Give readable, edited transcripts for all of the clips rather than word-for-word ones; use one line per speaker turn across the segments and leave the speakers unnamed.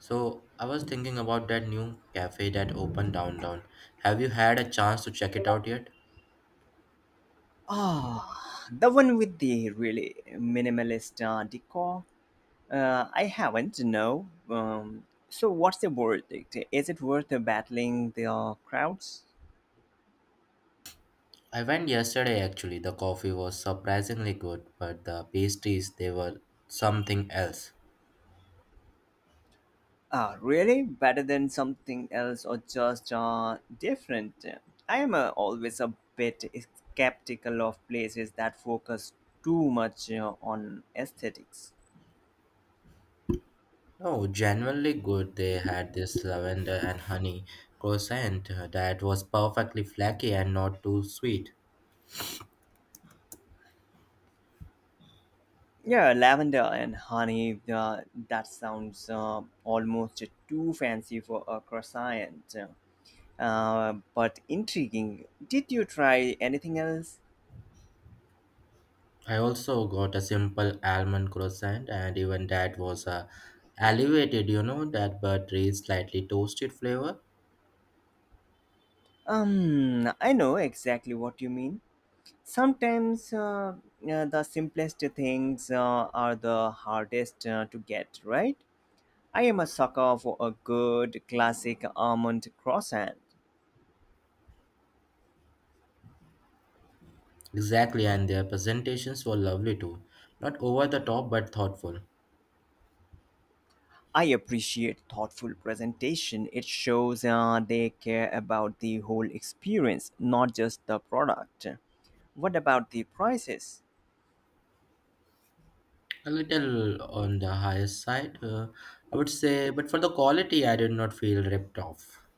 So I was thinking about that new cafe that opened downtown. Have you had a chance to check it out yet?
Ah, the one with the really minimalist decor. I haven't, no. So, what's the verdict? Is it worth battling the crowds?
I went yesterday actually. The coffee was surprisingly good, but the pastries, they were something else.
Really? Better than something else or just different? I am always a bit skeptical of places that focus too much on aesthetics.
No, genuinely good. They had this lavender and honey croissant that was perfectly flaky and not too sweet.
Yeah, lavender and honey. That sounds almost too fancy for a croissant, but intriguing. Did you try anything else?
I also got a simple almond croissant, and even that was elevated, you know, that buttery, slightly toasted flavor.
I know exactly what you mean. Sometimes the simplest things are the hardest to get, right? I am a sucker for a good classic almond croissant.
Exactly, and their presentations were lovely too. Not over the top, but thoughtful.
I appreciate thoughtful presentation. It shows they care about the whole experience, not just the product. What about the prices?
A little on the higher side, I would say, but for the quality, I did not feel ripped off.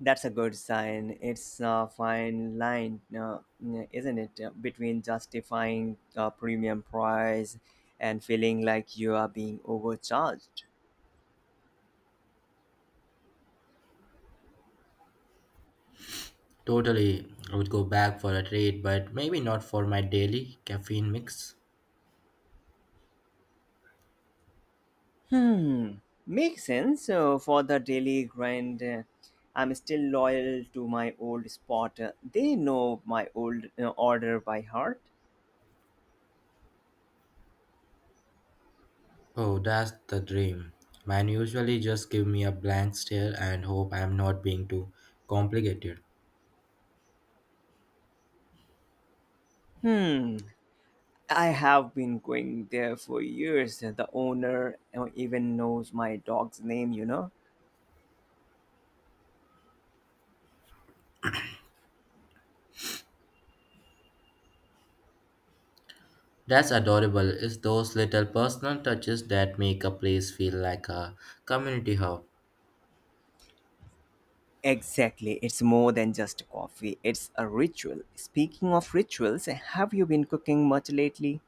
That's a good sign. It's a fine line, isn't it, between justifying a premium price and feeling like you are being overcharged.
Totally, I would go back for a treat, but maybe not for my daily caffeine mix.
Hmm, makes sense for the daily grind. I'm still loyal to my old spot. They know my old order by heart.
Oh, that's the dream. Mine usually just give me a blank stare and hope I'm not being too complicated.
Hmm, I have been going there for years. The owner even knows my dog's name, you know?
That's adorable. It's those little personal touches that make a place feel like a community hub.
Exactly. It's more than just coffee, it's a ritual. Speaking of rituals, have you been cooking much lately?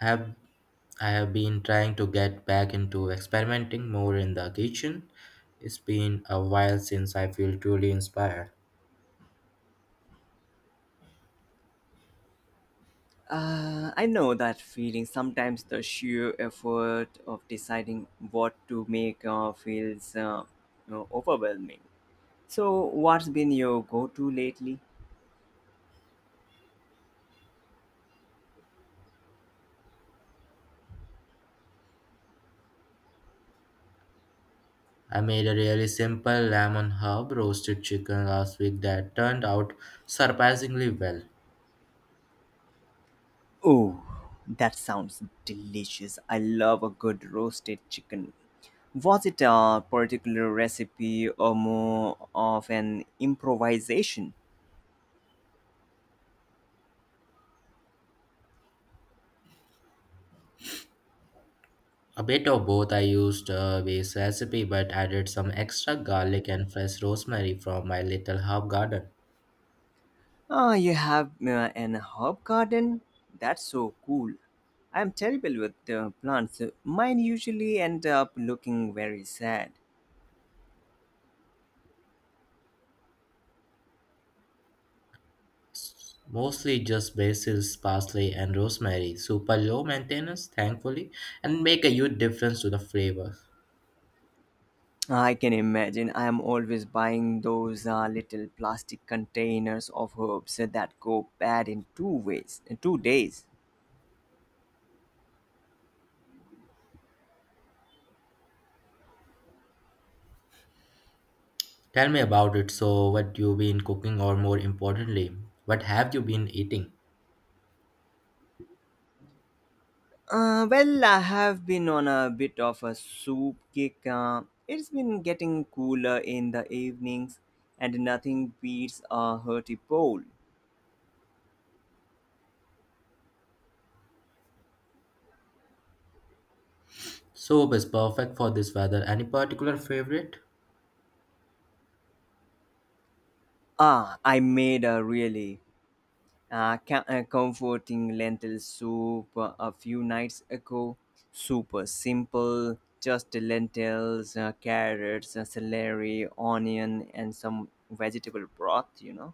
I have I have been trying to get back into experimenting more in the kitchen. It's been a while since I feel truly inspired.
I know that feeling. Sometimes the sheer effort of deciding what to make feels overwhelming. So, what's been your go to lately?
I made a really simple lemon herb roasted chicken last week that turned out surprisingly well.
Oh, that sounds delicious. I love a good roasted chicken. Was it a particular recipe or more of an improvisation?
A bit of both. I used a base recipe but added some extra garlic and fresh rosemary from my little herb garden.
Oh, you have an herb garden? That's so cool. I'm terrible with plants. Mine usually end up looking very sad.
Mostly just basil, parsley, and rosemary. Super low maintenance, thankfully, and make a huge difference to the flavor.
I can imagine I'm always buying those little plastic containers of herbs that go bad in two ways, in 2 days.
Tell me about it. So, what you been cooking, or more importantly, what have you been eating?
Well, I have been on a bit of a soup kick. It's been getting cooler in the evenings, and nothing beats a hearty bowl.
Soup is perfect for this weather. Any particular favorite?
Ah, I made a really comforting lentil soup a few nights ago. Super simple, just lentils, carrots, celery, onion, and some vegetable broth, you know.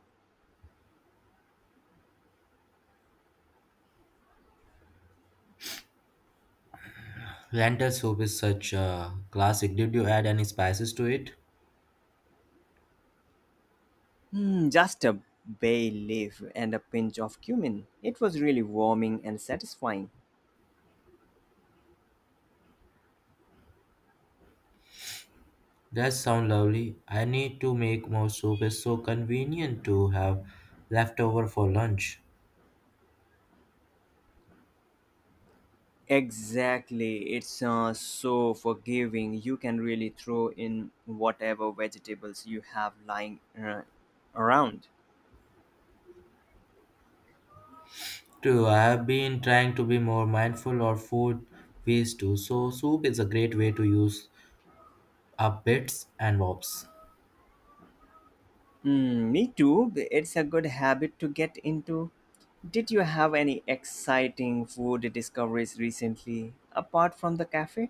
Lentil soup is such a classic. Did you add any spices to it?
Hmm, just a bay leaf and a pinch of cumin. It was really warming and satisfying.
That sounds lovely. I need to make more soup. It's so convenient to have leftover for lunch.
Exactly. It's so forgiving. You can really throw in whatever vegetables you have lying around.
True. I have been trying to be more mindful of food waste too. So soup is a great way to use up bits and bobs.
Mm, me too. It's a good habit to get into. Did you have any exciting food discoveries recently apart from the cafe?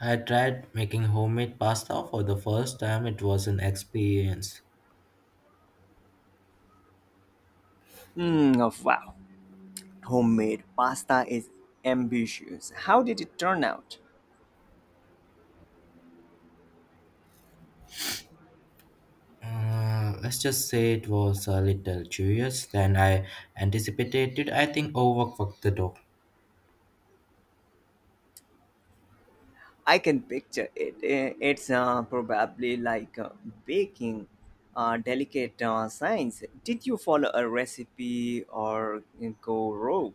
I tried making homemade pasta for the first time. It was an experience.
Mm, oh, wow. Homemade pasta is ambitious. How did it turn out?
Let's just say it was a little curious than I anticipated. I think overcooked the dough.
I can picture it. It's probably like baking delicate science. Did you follow a recipe or go rogue?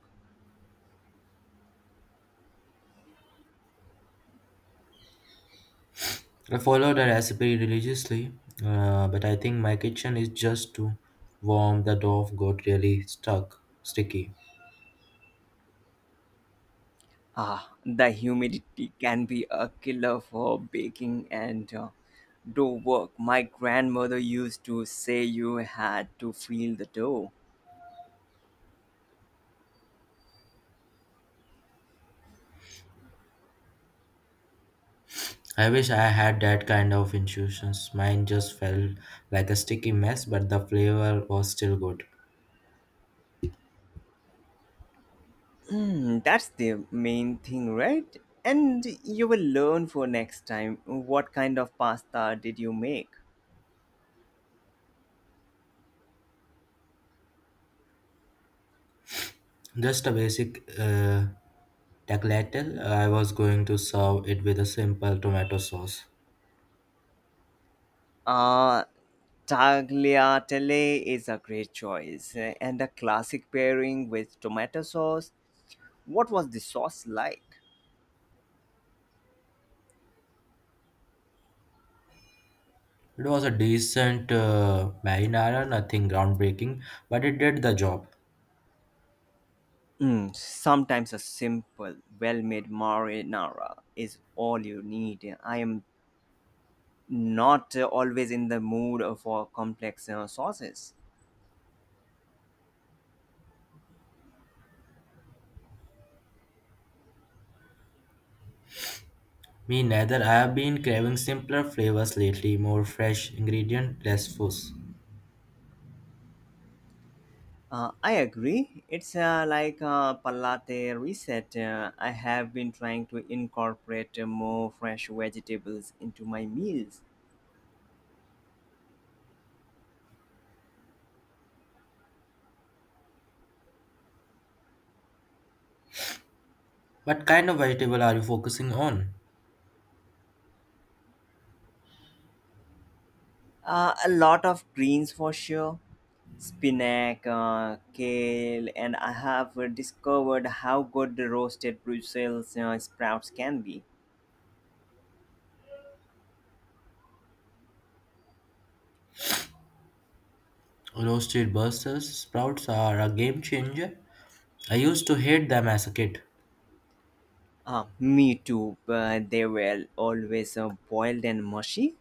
I follow the recipe religiously, but I think my kitchen is just too warm. The dough got really stuck, sticky.
Ah, the humidity can be a killer for baking and dough work. My grandmother used to say you had to feel the dough.
I wish I had that kind of intuitions. Mine just felt like a sticky mess, but the flavor was still good.
Mm, that's the main thing, right? And you will learn for next time. What kind of pasta did you make?
Just a basic tagliatelle. I was going to serve it with a simple tomato sauce.
Uh, Tagliatelle is a great choice, eh, and the classic pairing with tomato sauce. What was the sauce like?
It was a decent marinara, nothing groundbreaking, but it did the job.
Mm, sometimes a simple, well-made marinara is all you need. I am not always in the mood for complex sauces.
Me neither. I have been craving simpler flavors lately, more fresh ingredient, less fuss.
I agree. It's like a palate reset. I have been trying to incorporate more fresh vegetables into my meals.
What kind of vegetable are you focusing on?
A lot of greens for sure. Spinach, kale, and I have discovered how good the roasted Brussels sprouts can be.
Roasted Brussels sprouts are a game changer. I used to hate them as a kid.
Me too. They were always boiled and mushy.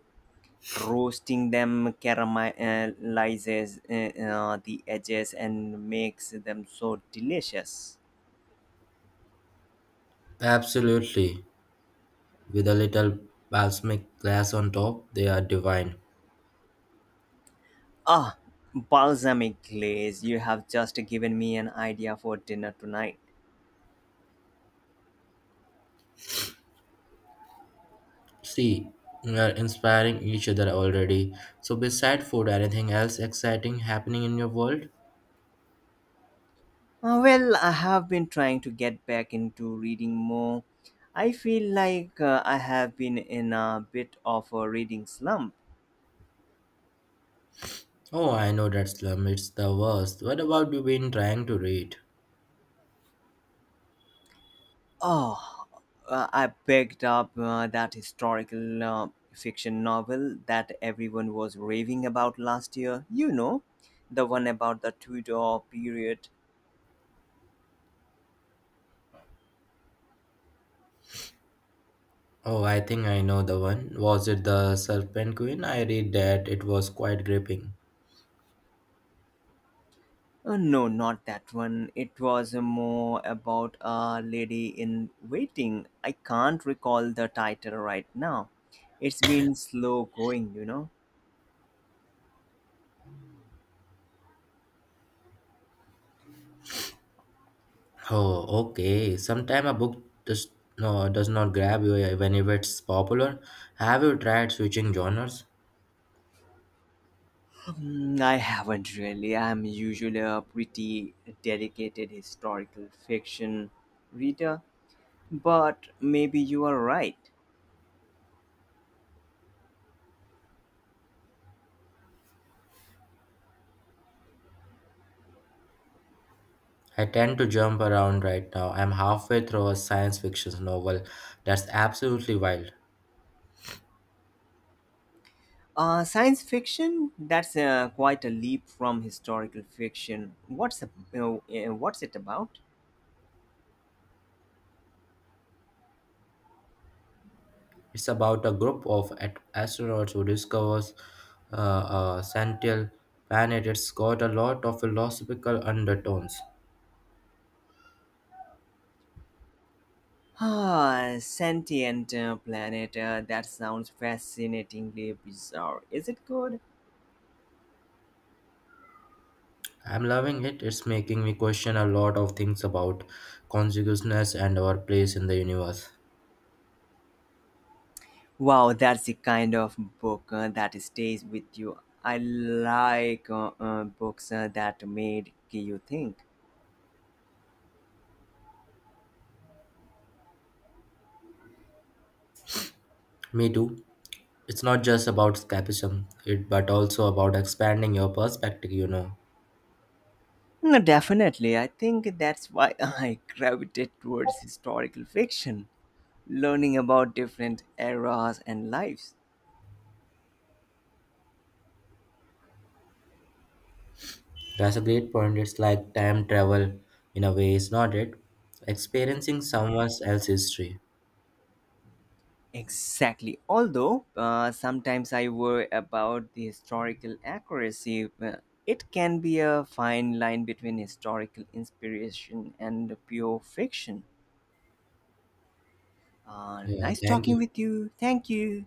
Roasting them caramelizes the edges and makes them so delicious.
Absolutely. With a little balsamic glaze on top, they are divine.
Ah, balsamic glaze. You have just given me an idea for dinner tonight.
See, we are inspiring each other already. So, beside food, anything else exciting happening in your world?
Well, I have been trying to get back into reading more. I feel like I have been in a bit of a reading slump.
Oh, I know that slum. It's the worst. What about you been trying to read?
Oh, I picked up that historical fiction novel that everyone was raving about last year. You know, the one about the Tudor period.
Oh, I think I know the one. Was it The Serpent Queen? I read that. It was quite gripping.
No, not that one. It was more about a lady in waiting. I can't recall the title right now. It's been slow going, you know.
Oh, okay. Sometime a book does, no, does not grab you when if it's popular. Have you tried switching genres?
Hmm, I haven't really. I'm usually a pretty dedicated historical fiction reader, but maybe you are right.
I tend to jump around right now. I'm halfway through a science fiction novel that's absolutely wild.
Science fiction? That's quite a leap from historical fiction. What's it about?
It's about a group of astronauts who discovers a sentient planet. It's got a lot of philosophical undertones.
Ah, sentient planet. That sounds fascinatingly bizarre. Is it good?
I'm loving it. It's making me question a lot of things about consciousness and our place in the universe.
Wow, that's the kind of book that stays with you. I like books that made you think.
Me too. It's not just about escapism, it but also about expanding your perspective, you know.
No, definitely. I think that's why I gravitate towards historical fiction, learning about different eras and lives.
That's a great point. It's like time travel in a way, is not it? Experiencing someone else's history.
Exactly. Although sometimes I worry about the historical accuracy, it can be a fine line between historical inspiration and pure fiction.
Yeah,
Nice
thank
talking
you.
with you. Thank you.